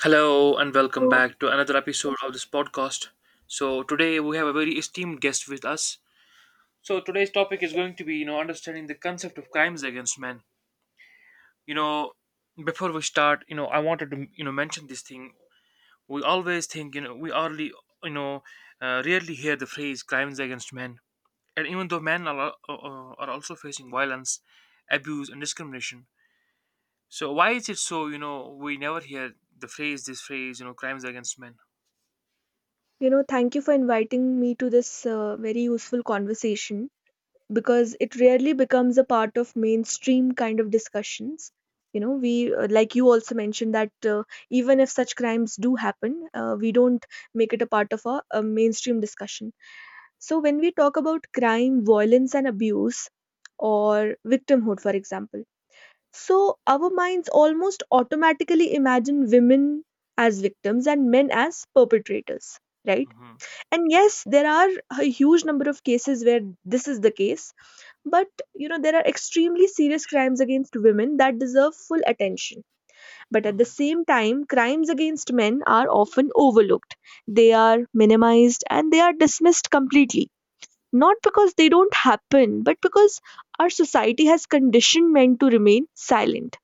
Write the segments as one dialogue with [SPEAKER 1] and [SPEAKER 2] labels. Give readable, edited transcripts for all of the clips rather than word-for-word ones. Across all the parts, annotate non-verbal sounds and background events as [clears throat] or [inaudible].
[SPEAKER 1] Hello and welcome
[SPEAKER 2] So,
[SPEAKER 1] back to another episode of this podcast. So today we have a very esteemed guest with us. So today's topic is going to be, understanding the concept of crimes against men. You know, Before we start, I wanted to, mention this thing. We always think, you know, we hardly, you know, rarely hear the phrase crimes against men. And even though men are, are also facing violence, abuse, and discrimination, so why is it so? We never hear the phrase, this phrase, crimes against men.
[SPEAKER 2] thank you for inviting me to this very useful conversation because it rarely becomes a part of mainstream kind of discussions. We, like you also mentioned, that even if such crimes do happen, we don't make it a part of a mainstream discussion. So, when we talk about crime, violence, and abuse, or victimhood, for example, so our minds almost automatically imagine women as victims and men as perpetrators, right?
[SPEAKER 1] Hmm.
[SPEAKER 2] And yes, there are a huge number of cases where this is the case, but there are extremely serious crimes against women that deserve full attention. But at the same time, crimes against men are often overlooked. They are minimized and they are dismissed completely, not because they don't happen, but because our society has conditioned men to remain silent,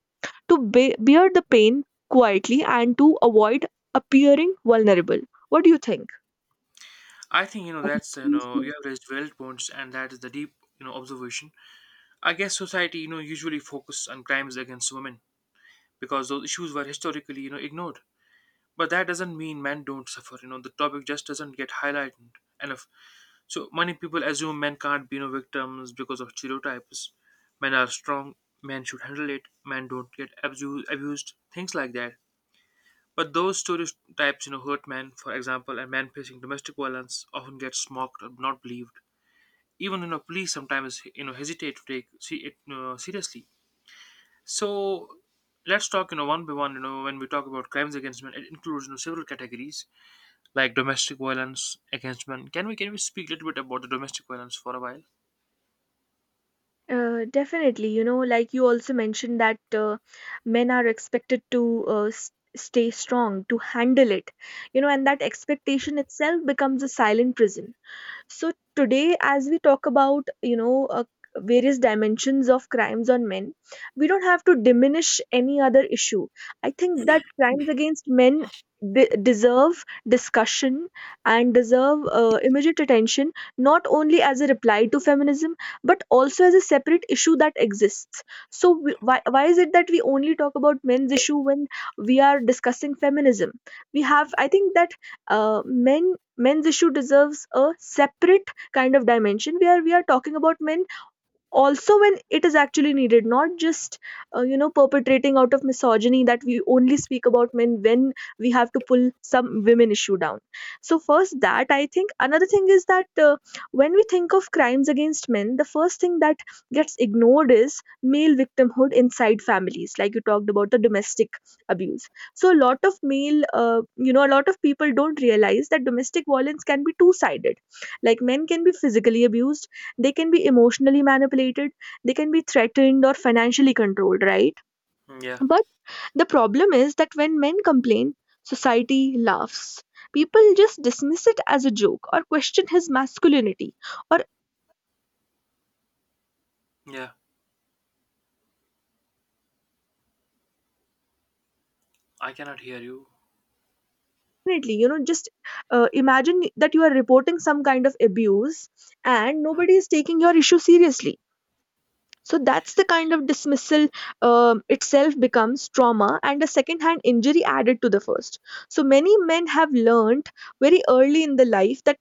[SPEAKER 2] to bear the pain quietly, and to avoid appearing vulnerable. What do you
[SPEAKER 1] I think that's, you
[SPEAKER 2] think?
[SPEAKER 1] have raised valid points, and that is the deep, observation. I guess society usually focus on crimes against women because those issues were historically ignored. But that doesn't mean men don't suffer. The topic just doesn't get highlighted enough. So many people assume men can't be, victims because of stereotypes. Men are strong. Men should handle it. Men don't get abused. Things like that. But those stereotypes, hurt men. For example, a man facing domestic violence often gets mocked or not believed, even police sometimes hesitate to take see it seriously. So let's talk, one by one. When we talk about crimes against men, it includes, several categories like domestic violence against men. Can we speak a little bit about the domestic violence for a while?
[SPEAKER 2] Definitely, like you also mentioned that men are expected to stay strong, to handle it, and that expectation itself becomes a silent prison. So today, as we talk about, various dimensions of crimes on men, we don't have to diminish any other issue. I think that crimes against men deserve discussion and deserve immediate attention, not only as a reply to feminism, but also as a separate issue that exists. So why is it that we only talk about men's issue when we are discussing feminism? I think that men's issue deserves a separate kind of dimension where we are talking about men also when it is actually needed, not just perpetrating out of misogyny, that we only speak about men when we have to pull some women issue down. So first, that I think another thing is that when we think of crimes against men, the first thing that gets ignored is male victimhood inside families, like you talked about the domestic abuse. So a lot of people don't realize that domestic violence can be two sided. Like, men can be physically abused, they can be emotionally manipulated, they can be threatened or financially controlled, right?
[SPEAKER 1] Yeah.
[SPEAKER 2] But the problem is that when men complain, society laughs, people just dismiss it as a joke or question his masculinity, or...
[SPEAKER 1] Yeah, I cannot hear you.
[SPEAKER 2] Definitely, just imagine that you are reporting some kind of abuse and nobody is taking your issue seriously. So that's the kind of dismissal itself becomes trauma and a second hand injury added to the first. So many men have learned very early in the life that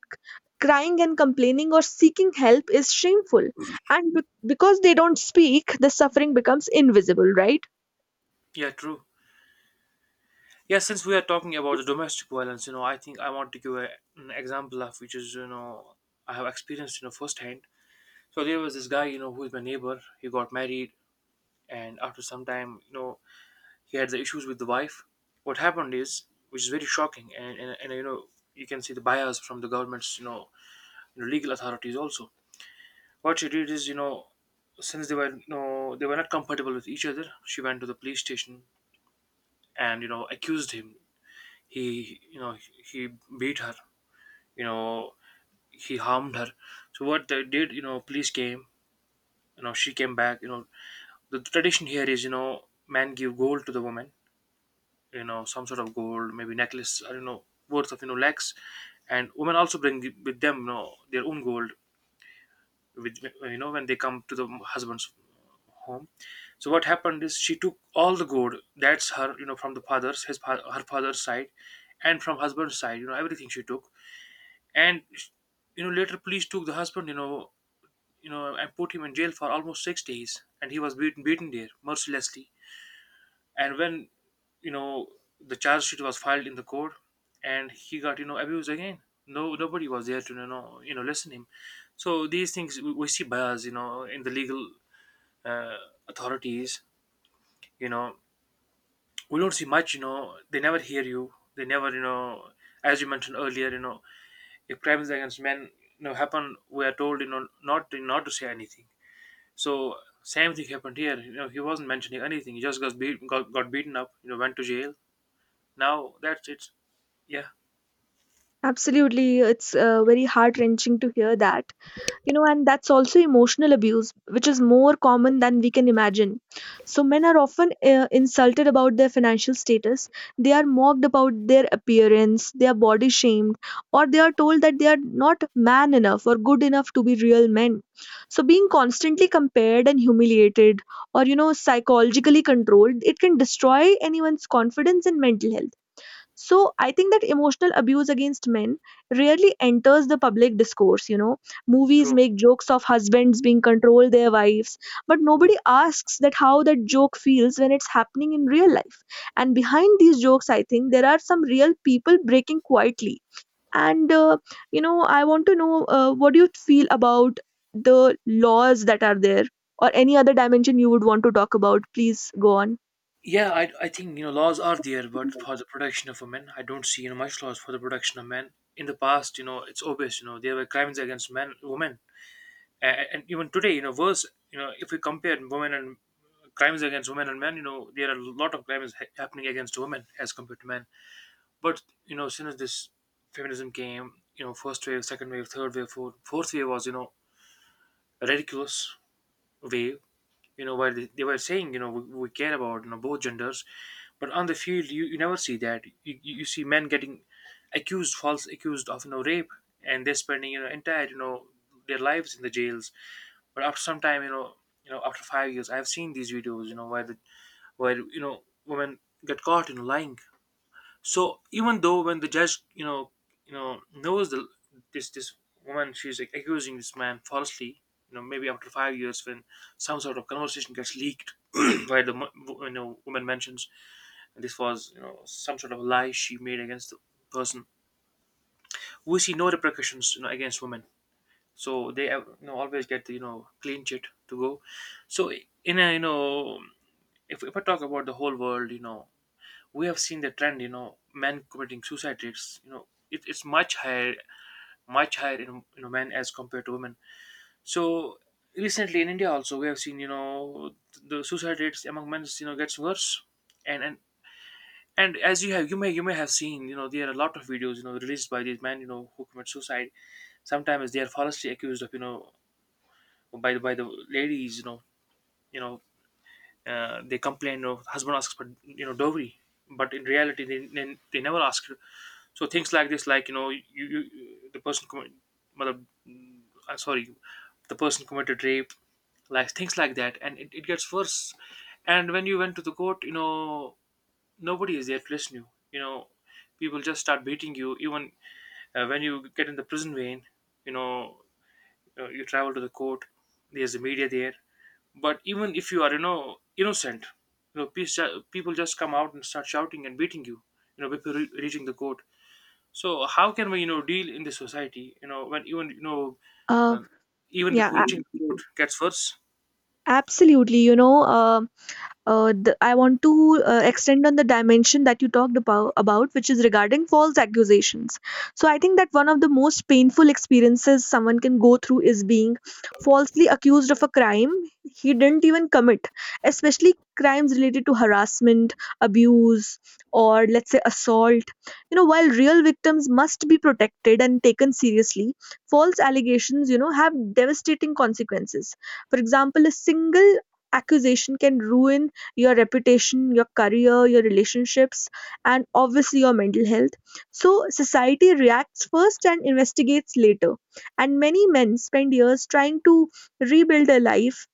[SPEAKER 2] crying and complaining or seeking help is shameful. And because they don't speak, the suffering becomes invisible, right?
[SPEAKER 1] Yeah, true. Yeah, since we are talking about the domestic violence, I think I want to give an example, of which is, I have experienced, firsthand. So there was this guy, who is my neighbor. He got married, and after some time, he had the issues with the wife. What happened is, which is very shocking, and you can see the bias from the government's, legal authorities also. What she did is, since they were, they were not compatible with each other, she went to the police station and accused him. He, he beat her. You know he harmed her. So what they did, police came. You know she came back. The tradition here is, man give gold to the woman, some sort of gold maybe necklace, I don't know, worth of, lakhs. And women also bring with them, their own gold, with when they come to the husband's home. So what happened is she took all the gold that's her, from the father's, her father's side, and from husband's side, everything she took. And later police took the husband, and put him in jail for almost 6 days, and he was beaten there mercilessly. And when, you know the charge sheet was filed in the court, and he got, abused again. No Nobody was there to, listen him. So these things, we see bias, in the legal uh, authorities, you know we don't see much. They never hear you, they never, as you mentioned earlier, if crimes against men, happen, we are told, not to say anything. So same thing happened here, he wasn't mentioning anything, he just got beaten up, went to jail. Now that's it. Yeah,
[SPEAKER 2] Absolutely, it's very heart wrenching to hear that. And that's also emotional abuse, which is more common than we can imagine. So men are often insulted about their financial status, they are mocked about their appearance, they are body shamed, or they are told that they are not man enough or good enough to be real men. So being constantly compared and humiliated, or psychologically controlled, it can destroy anyone's confidence and mental health. So I think that emotional abuse against men rarely enters the public discourse. Movies
[SPEAKER 1] true.
[SPEAKER 2] make jokes of husbands being controlled their wives, but nobody asks that how that joke feels when it's happening in real life. And behind these jokes, I think there are some real people breaking quietly. And I want to know what do you feel about the laws that are there, or any other dimension you would want to talk about? Please go on.
[SPEAKER 1] Yeah, I think laws are there, but for the protection of men, I don't see much laws for the protection of men. In the past, it's obvious, there were crimes against men, women, and even today, worse, if we compare women and crimes against women and men, there are a lot of crimes happening against women as compared to men. But as soon as this feminism came, first wave, second wave, third wave, fourth wave was, a ridiculous wave, where they were saying, you know, we care about, both genders, but on the field, you never see that. You see men getting accused, false accused of, rape, and they're spending, entire, their lives in the jails. But after some time, after 5 years, I've seen these videos, where the, where women get caught in lying. So even though when the judge, knows the, this woman, she's like accusing this man falsely. You know, maybe after 5 years, when some sort of conversation gets leaked, [clears throat] where the woman mentions this was, some sort of lie she made against the person, we see no repercussions, against women. So they, always get the, clean chit to go. So in a, if I talk about the whole world, we have seen the trend, men committing suicide rates, it's much higher, much higher in, men as compared to women. So recently in India also we have seen, the suicide rates among men, gets worse. And and and as you have, you may have seen, there are a lot of videos, released by these men, who commit suicide. Sometimes they are falsely accused of, by the ladies, you know they complain of husband asks for, dowry, but in reality they never ask. So things like this, like you the person commit, mother, mm, sorry, the person committed rape, like things like that, and it gets worse. And when you went to the court, nobody is there to listen you. You know, people just start beating you. Even when you get in the prison vein, you know, you travel to the court. There's the media there, but even if you are, innocent, people just come out and start shouting and beating you, before reaching the court. So how can we, deal in the society, when even,
[SPEAKER 2] Uh,
[SPEAKER 1] um, even
[SPEAKER 2] yeah,
[SPEAKER 1] before reaching the court gets worse.
[SPEAKER 2] a- absolutely. I want to extend on the dimension that you talked about, which is regarding false accusations. So I think that one of the most painful experiences someone can go through is being falsely accused of a crime he didn't even commit, especially crimes related to harassment, abuse, or let's say assault. While real victims must be protected and taken seriously, false allegations, have devastating consequences. For example, a single accusation can ruin your reputation, your career, your relationships, and obviously your mental health. So, society reacts first and investigates later. And many men spend years trying to rebuild a life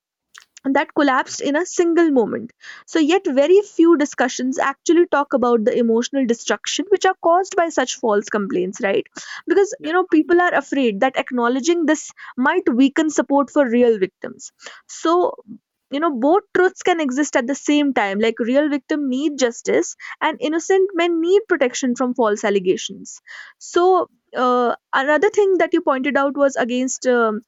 [SPEAKER 2] that collapsed in a single moment. So, yet, very few discussions actually talk about the emotional destruction which are caused by such false complaints, right? Because,
[SPEAKER 1] Yeah.
[SPEAKER 2] people are afraid that acknowledging this might weaken support for real victims. So, both truths can exist at the same time. Like, real victim need justice, and innocent men need protection from false allegations. So, another thing that you pointed out was against um,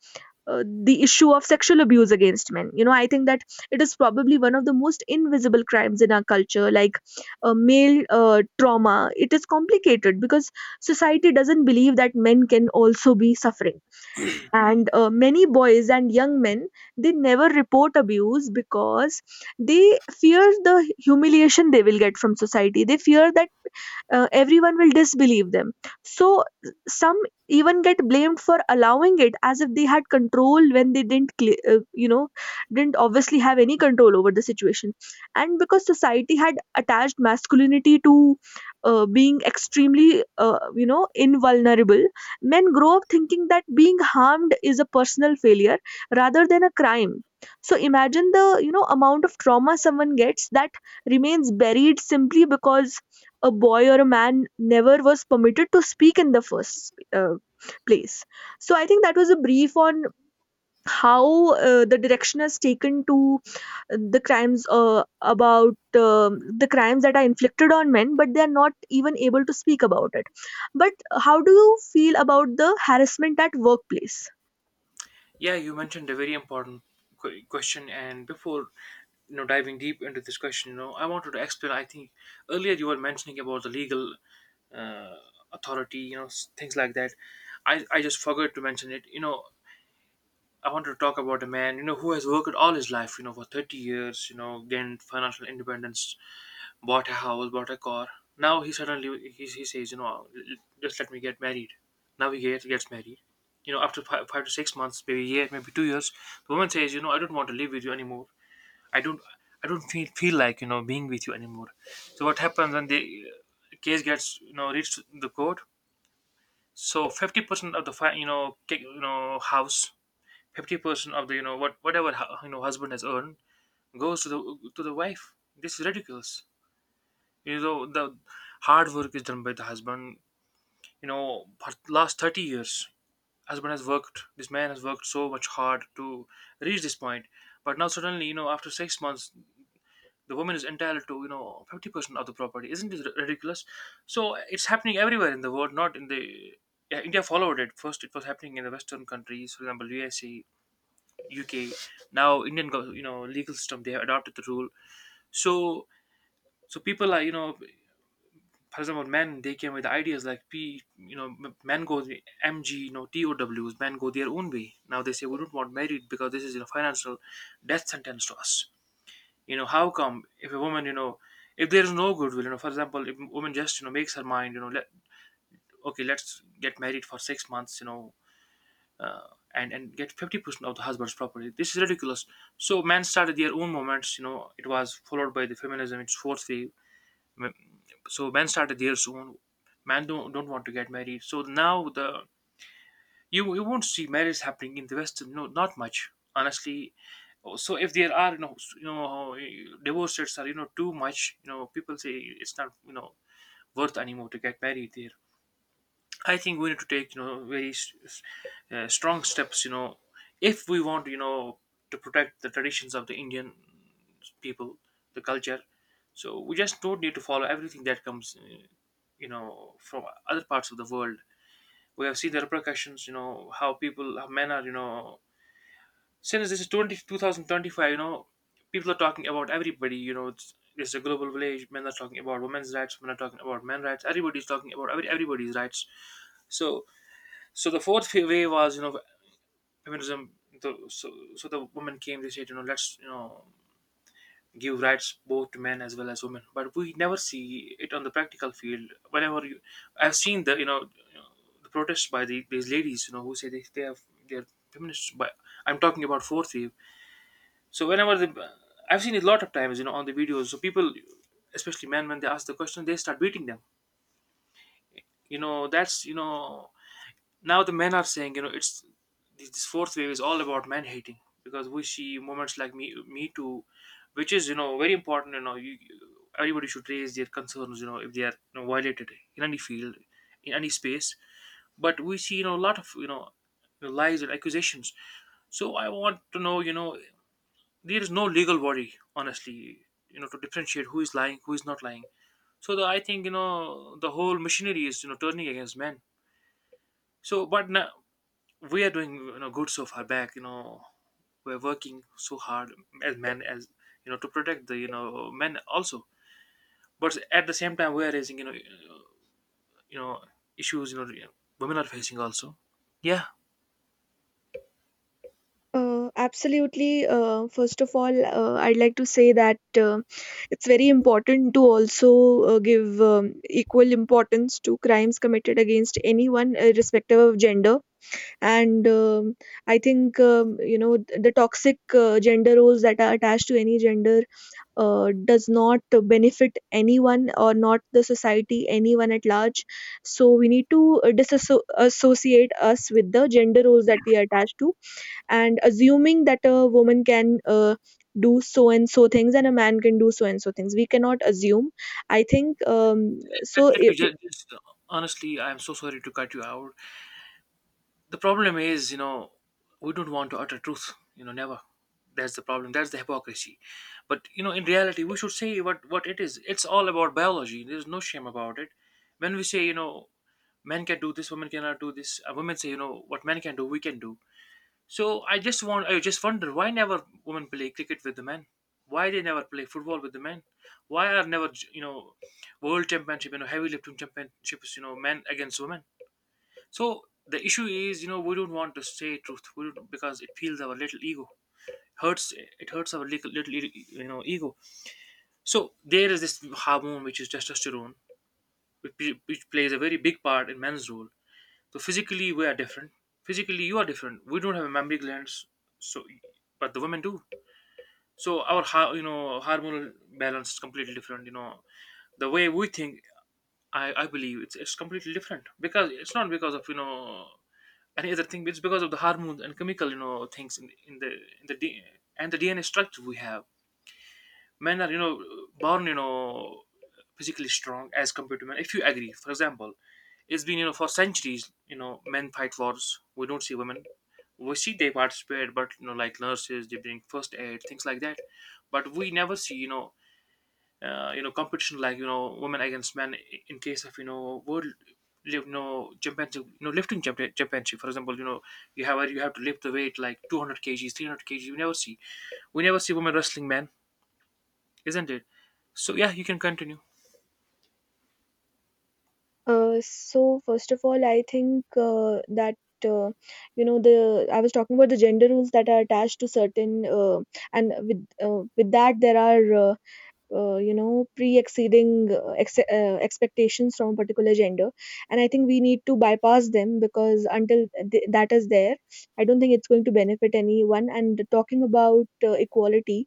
[SPEAKER 2] uh, the issue of sexual abuse against men. I think that it is probably one of the most invisible crimes in our culture. Like, male trauma, it is complicated because society doesn't believe that men can also be suffering. And many boys and young men, they never report abuse because they fear the humiliation they will get from society. They fear that everyone will disbelieve them. So some even get blamed for allowing it, as if they had control when they didn't cle- you know didn't obviously have any control over the situation. And because society had attached masculinity to being extremely invulnerable, men grow up thinking that being harmed is a personal failure rather than a crime. So imagine the amount of trauma someone gets that remains buried simply because a boy or a man never was permitted to speak in the first place. So I think that was a brief on how the direction has taken to the crimes about the crimes that are inflicted on men, but they are not even able to speak about it. But how do you feel about the harassment at workplace?
[SPEAKER 1] Yeah, you mentioned a very important question, and before, diving deep into this question, I wanted to explain. I think earlier you were mentioning about the legal, uh, authority, things like that. I just forgot to mention it. You know I wanted to talk about a man, who has worked all his life, for 30 years, gained financial independence, bought a house, bought a car. Now he suddenly he says, uh, just let me get married. Now he gets married. You know, after 5 to 6 months, maybe a year, maybe 2 years, the woman says, I don't want to live with you anymore. I don't, I don't feel like, being with you anymore. So what happens when the case gets, reached the court? So 50% of the house, 50% of the, what whatever, husband has earned, goes to the wife. This is ridiculous. The hard work is done by the husband, for last 30 years. Husband has worked, this man has worked so much hard to reach this point, but now suddenly, after 6 months the woman is entitled to, 50% of the property. Isn't this ridiculous? So it's happening everywhere in the world, not in the, yeah, India followed it. First, it was happening in the Western countries, for example, USA, UK. Now, Indian, legal system they have adopted the rule. So, so people are, for example, men they came with ideas like P, you know, m- men go the MG, T O Ws. Men go their own way. Now they say we don't want married because this is, financial death sentence to us. How come if a woman, if there is no goodwill, for example, if a woman just makes her mind, let okay, let's get married for 6 months, uh, and get 50% of the husband's property. This is ridiculous. So men started their own movements. It was followed by the feminism, its fourth wave. So men started there soon. Men don't want to get married, so now the you won't see marriage happening in the West. No, not much, honestly. So if there are divorce rates are too much. People say it's not worth anymore to get married there. I think we need to take very strong steps, if we want, to protect the traditions of the Indian people, the culture. So we just don't need to follow everything that comes, from other parts of the world. We have seen the repercussions. How people, how men are. Since this is 2025, people are talking about everybody. It's a global village. Men are talking about women's rights, men are talking about men's rights, everybody's talking about everybody's rights. So so the fourth way was, feminism. So the women came. They said, let's give rights both to men as well as women. But we never see it on the practical field. Whenever you, I've seen the you know, the protests by these ladies, who say they have they're feminists. But I'm talking about fourth wave. So whenever the I've seen it a lot of times, on the videos. So people, especially men, when they ask the question, they start beating them. You know, that's you know now the men are saying it's this fourth wave is all about men hating, because we see moments like me me Too, which is very important. Everybody should raise their concerns, if they are, violated in any field, in any space. But we see a lot of lies and accusations. So I want to know, there is no legal body, honestly, to differentiate who is lying, who is not lying. So I think the whole machinery is turning against men. So but now we are doing good so far back, we're working so hard as men. As to protect the, men also. But at the same time, we're raising, you know issues, women are facing also. Yeah.
[SPEAKER 2] Absolutely. First of all, I'd like to say that it's very important to also give equal importance to crimes committed against anyone, irrespective of gender. And I think the toxic gender roles that are attached to any gender does not benefit anyone or not the society, anyone at large. So we need to disassociate us with the gender roles that we are attached to, and assuming that a woman can do so and so things and a man can do so and so things, we cannot assume. I think
[SPEAKER 1] let,
[SPEAKER 2] so
[SPEAKER 1] let me
[SPEAKER 2] it,
[SPEAKER 1] just, honestly, I'm so sorry to cut you out. The problem is, we don't want to utter truth, never. That's the problem. That's the hypocrisy. But in reality we should say what it is. It's all about biology. There's no shame about it. When we say, men can do this, women cannot do this. Women say, what men can do we can do. So I just wonder why never women play cricket with the men, why they never play football with the men, why are never world championship, heavy lifting championships, men against women. So the issue is, we don't want to say truth. We don't, because it feels our little ego, hurts. It hurts our little, little e, you know ego. So there is this hormone which is testosterone, which plays a very big part in men's role. So physically we are different. Physically you are different. We don't have mammary glands, so, but the women do. So our hormonal balance is completely different. The way we think, I believe it's completely different, because it's not because of any other thing. It's because of the hormones and chemical, things in in the D- and the DNA structure we have. Men are born physically strong as compared to men, if you agree. For example, it's been, for centuries, men fight wars. We don't see women. We see they participate, but like nurses, they bring first aid, things like that. But we never see, competition like, women against men, in case of, world live, championship, lifting championship, for example. You have to lift the weight like 200 kgs, 300 kgs. We never see, we never see women wrestling men. Isn't it? So yeah, you can continue.
[SPEAKER 2] So first of all, I think that uh, you know the I was talking about the gender rules that are attached to certain, and with that there are pre-exceeding expectations from a particular gender. And I think we need to bypass them because until that is there, I don't think it's going to benefit anyone. And talking about equality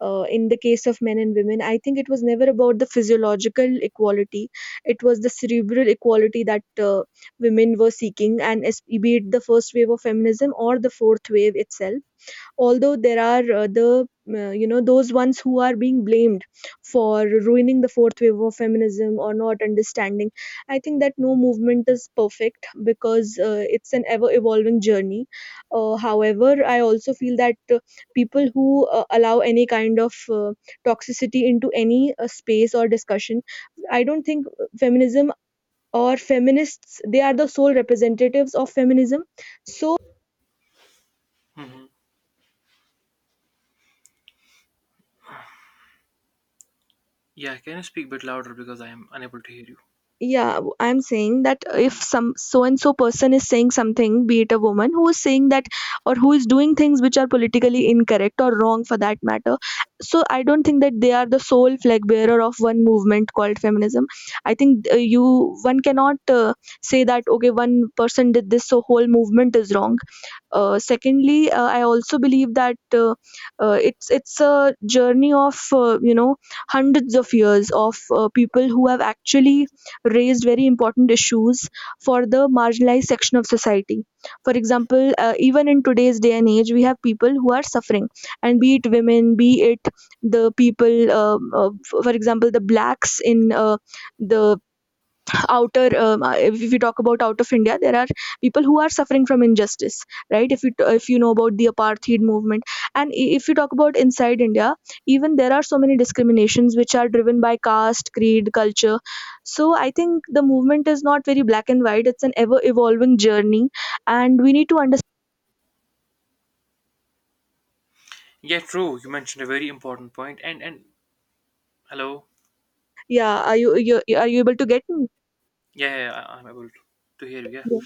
[SPEAKER 2] in the case of men and women, I think it was never about the physiological equality. It was the cerebral equality that women were seeking. And be it the first wave of feminism or the fourth wave itself, although there are the you know those ones who are being blamed for ruining the fourth wave of feminism or not understanding. I think that no movement is perfect, because it's an ever evolving journey. However, I also feel that people who allow any kind of toxicity into any space or discussion, I don't think feminism or feminists, they are the sole representatives of feminism. So,
[SPEAKER 1] Hmm. Yeah, can you speak a bit louder, because I am unable to hear you?
[SPEAKER 2] yeah, I'm saying that if some so and so person is saying something, be it a woman who is saying that, or who is doing things which are politically incorrect or wrong, for that matter, so I don't think that they are the sole flag bearer of one movement called feminism. I think you one cannot say that okay one person did this, so whole movement is wrong. Secondly, I also believe that it's a journey of hundreds of years of people who have actually raised very important issues for the marginalized section of society. For example, even in today's day and age, we have people who are suffering, and be it women, be it the people, for example, the blacks in the outer if you talk about out of India, there are people who are suffering from injustice. Right, if if you know about the apartheid movement, and if you talk about inside India, even there are so many discriminations which are driven by caste, creed, culture. So I think the movement is not very black and white, it's an ever evolving journey and we need to understand.
[SPEAKER 1] Yeah, true. You mentioned a very important point. And hello.
[SPEAKER 2] Yeah, are you, are you able to get me?
[SPEAKER 1] Yeah, yeah, I'm able to hear you. Yeah.
[SPEAKER 2] Yeah.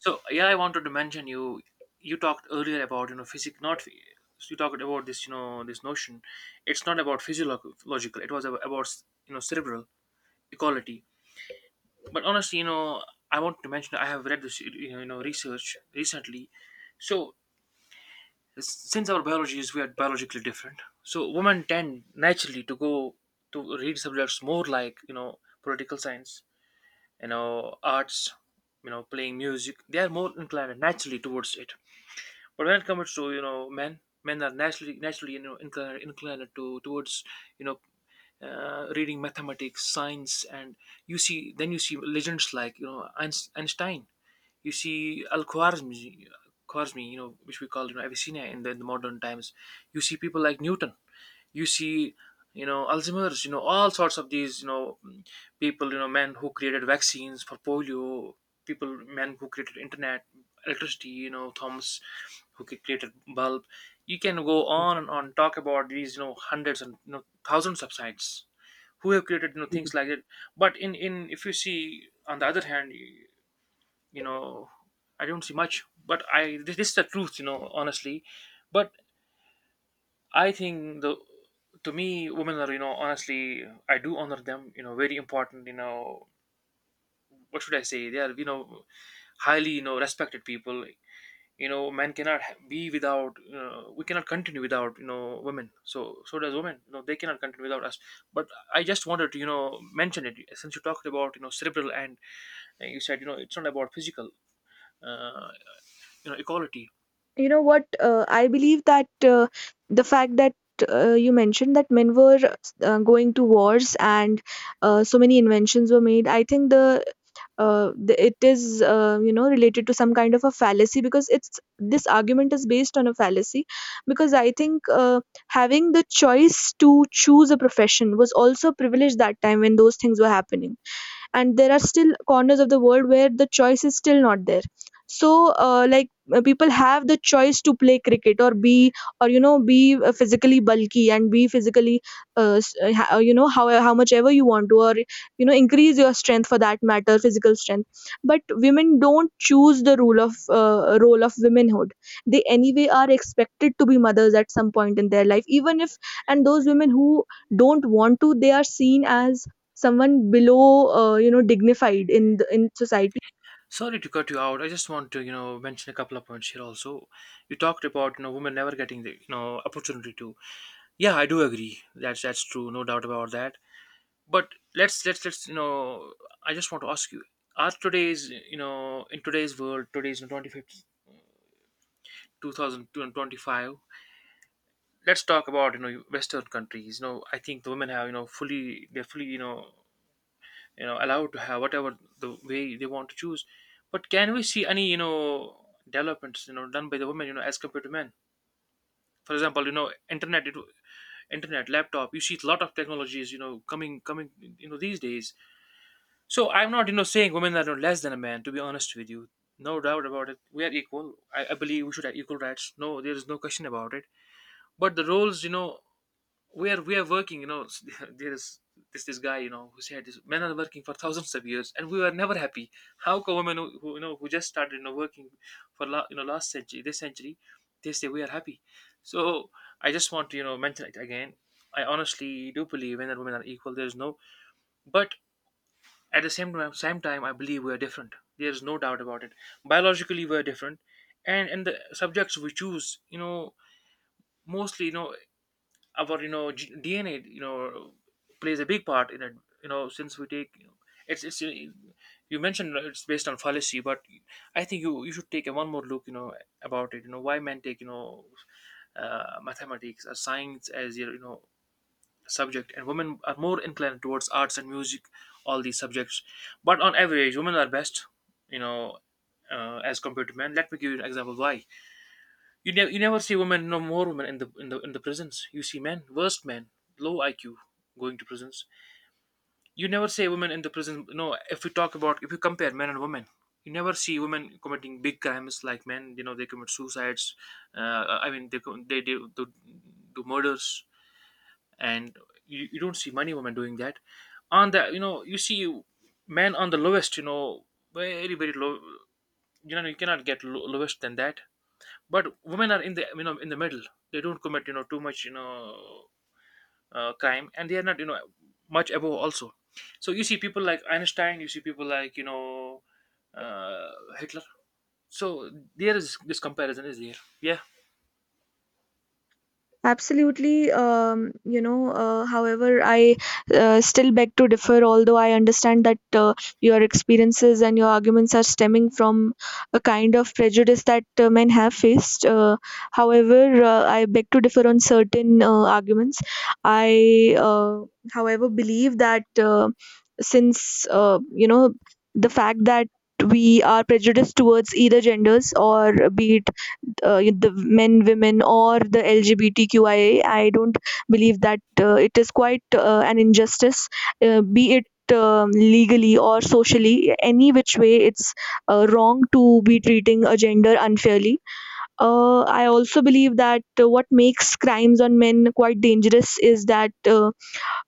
[SPEAKER 1] So yeah, I wanted to mention you. You talked earlier about you know physic not. Phy- you talked about this, this notion. It's not about physiological. It was about, cerebral equality. But honestly, I want to mention I have read this, research, recently. So since our biology is, we are biologically different, so women tend naturally to go to read subjects more like, political science, arts, playing music. They are more inclined naturally towards it. But when it comes to, men, men are naturally inclined to towards, you know reading mathematics, science. And you see then you see legends like, Einstein, you see Al Khwarizmi, Khwarizmi, which we call, Avicenna, in in the modern times. You see people like Newton, you see Alzheimer's, all sorts of these, people, men who created vaccines for polio, people, men who created internet, electricity, Thomas, who created bulb. You can go on and on, talk about these, hundreds and, thousands of sites who have created, things like it. But in, if you see on the other hand, you know I don't see much, but I, this is the truth, honestly. But I think the, to me, women are, honestly, I do honor them, very important, what should I say, they are, highly, respected people. Men cannot be without, we cannot continue without, women. So so does women, they cannot continue without us. But I just wanted to, mention it, since you talked about, cerebral, and, you said, it's not about physical, uh, equality.
[SPEAKER 2] You know what, I believe that the fact that you mentioned that men were going to wars and so many inventions were made, I think it is, you know, related to some kind of a fallacy, because it's this argument is based on a fallacy. Because I think, having the choice to choose a profession was also a privilege that time when those things were happening, and there are still corners of the world where the choice is still not there. So like, people have the choice to play cricket, or be or you know be physically bulky and be physically you know, how much ever you want to, or you know, increase your strength, for that matter physical strength. But women don't choose the rule of role of womanhood. They anyway are expected to be mothers at some point in their life, even if. And those women who don't want to, they are seen as someone below, you know, dignified in in society.
[SPEAKER 1] Sorry to cut you out. I just want to, mention a couple of points here also. You talked about, women never getting the, opportunity to. Yeah, I do agree. That's true. No doubt about that. But let's let's let's, you know, I just want to ask you: are today's, in today's world, today's 2050, let's talk about, Western countries. I think the women have, fully, they're fully, allowed to have whatever the way they want to choose. But can we see any, developments, done by the women, as compared to men? For example, internet, it, internet, laptop, you see a lot of technologies, coming coming, these days. So I'm not, saying women are less than a man, to be honest with you. No doubt about it, we are equal. I believe we should have equal rights. No, there is no question about it. But the roles, we are, we are working, [laughs] there is this, this guy, who said this, men are working for thousands of years, and we were never happy. How come women who, who just started, working for la, you know last century, this century, they say we are happy. So I just want to, mention it again. I honestly do believe men and women are equal. There is no. But at the same time, I believe we are different. There is no doubt about it. Biologically we are different. And the subjects we choose, mostly, our, DNA, plays a big part in it. Since we take, it's you mentioned it's based on fallacy, but I think you, you should take a one more look. About it. Why men take, mathematics or science as your, subject, and women are more inclined towards arts and music, all these subjects. But on average, women are best. You know. As compared to men, let me give you an example why. You never, you never see women, no more women in the prisons. You see men, worst men, low IQ, going to prisons. You never see women in the prison. No, if we talk about, if you compare men and women, you never see women committing big crimes like men. They commit suicides. I mean they they do murders, and you don't see many women doing that. On the, you see men on the lowest. Very very low. You cannot get lowest than that. But women are in the, in the middle. They don't commit, too much, crime, and they are not, much above also. So you see people like Einstein, you see people like, uh, Hitler. So there is this comparison is there. Yeah.
[SPEAKER 2] Absolutely. You know, however, I still beg to differ, although I understand that your experiences and your arguments are stemming from a kind of prejudice that men have faced. However, I beg to differ on certain arguments. I, uh, However, believe that since, you know, the fact that we are prejudiced towards either genders, or be it the men, women, or the LGBTQIA, I don't believe that it is quite an injustice. Be it legally or socially, any which way, it's wrong to be treating a gender unfairly. I also believe that what makes crimes on men quite dangerous is that. Uh,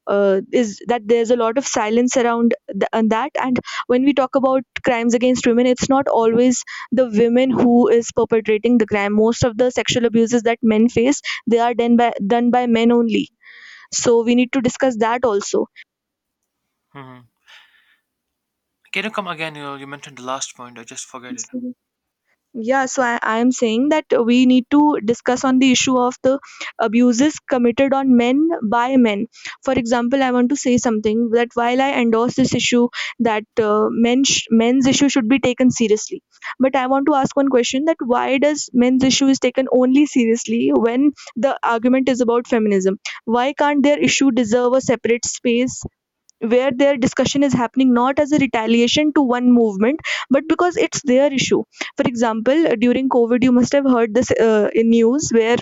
[SPEAKER 2] uh, Is that there's a lot of silence around and that and When we talk about crimes against women, it's not always the women who is perpetrating the crime. Most of the sexual abuses that men face, they are done by men only. So we need to discuss that also.
[SPEAKER 1] Hmm, can you come again? You mentioned the last point, I just forget it.
[SPEAKER 2] Yeah, so I'm saying that we need to discuss on the issue of the abuses committed on men by men. For example, I want to say something, that while I endorse this issue, that men's issue should be taken seriously, but I want to ask one question: that why does men's issue is taken only seriously when the argument is about feminism? Why can't their issue deserve a separate space where their discussion is happening, not as a retaliation to one movement, but because it's their issue. For example, during COVID, you must have heard this, in news where,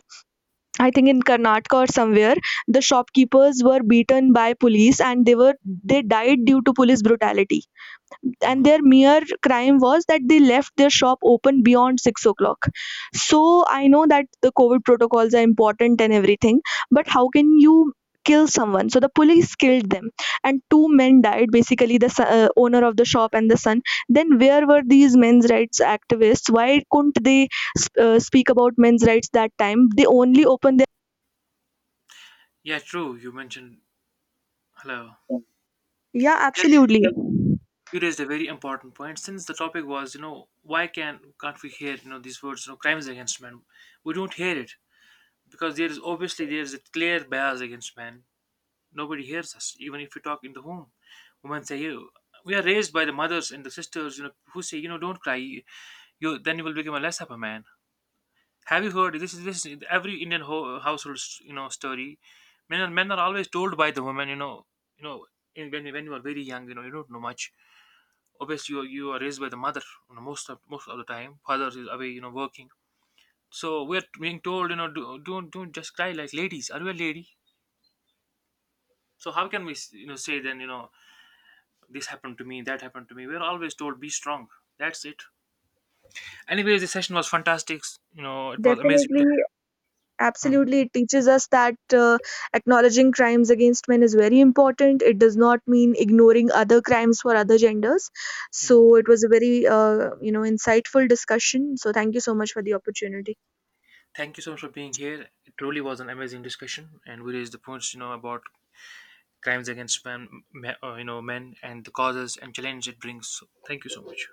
[SPEAKER 2] I think in Karnataka or somewhere, the shopkeepers were beaten by police, and they died due to police brutality.
[SPEAKER 1] Mhm.
[SPEAKER 2] And their mere crime was that they left their shop open beyond 6 o'clock. So I know that the COVID protocols are important and everything, but how can you kill someone? So the police killed them, and two men died. Basically, owner of the shop and the son. Then where were these men's rights activists? Why couldn't they speak about men's rights that time? They only opened their
[SPEAKER 1] Yeah, true, you mentioned. Hello.
[SPEAKER 2] yeah,
[SPEAKER 1] Yeah.
[SPEAKER 2] absolutely.
[SPEAKER 1] You raised a very important point, since the topic was, why can't we hear, these words, crimes against men, we don't hear it. Because there is, obviously there is a clear bias against men. Nobody hears us, even if we talk in the home. Women say, "You." We are raised by the mothers and the sisters, who say, "You know, don't cry. You then you will become a less of a man." Have you heard this? Is this, is every Indian household, story? Men are, men are always told by the women, you know, when you are very young, you don't know much. Obviously, you are raised by the mother, most of the time. Father is away, working. So we're being told, don't just cry like ladies. Are you a lady? So how can we, say then, this happened to me, that happened to me? We're always told be strong. That's it. Anyways, the session was fantastic. It was amazing to
[SPEAKER 2] Definitely,
[SPEAKER 1] have. Mhm.
[SPEAKER 2] absolutely, it teaches us that acknowledging crimes against men is very important. It does not mean ignoring other crimes for other genders.
[SPEAKER 1] Mhm.
[SPEAKER 2] So it was a very, you know, insightful discussion. So thank you so much for the opportunity.
[SPEAKER 1] Thank you so much for being here. It truly was an amazing discussion, and we raised the points, about crimes against men, men, and the causes and challenges it brings. So thank you so much.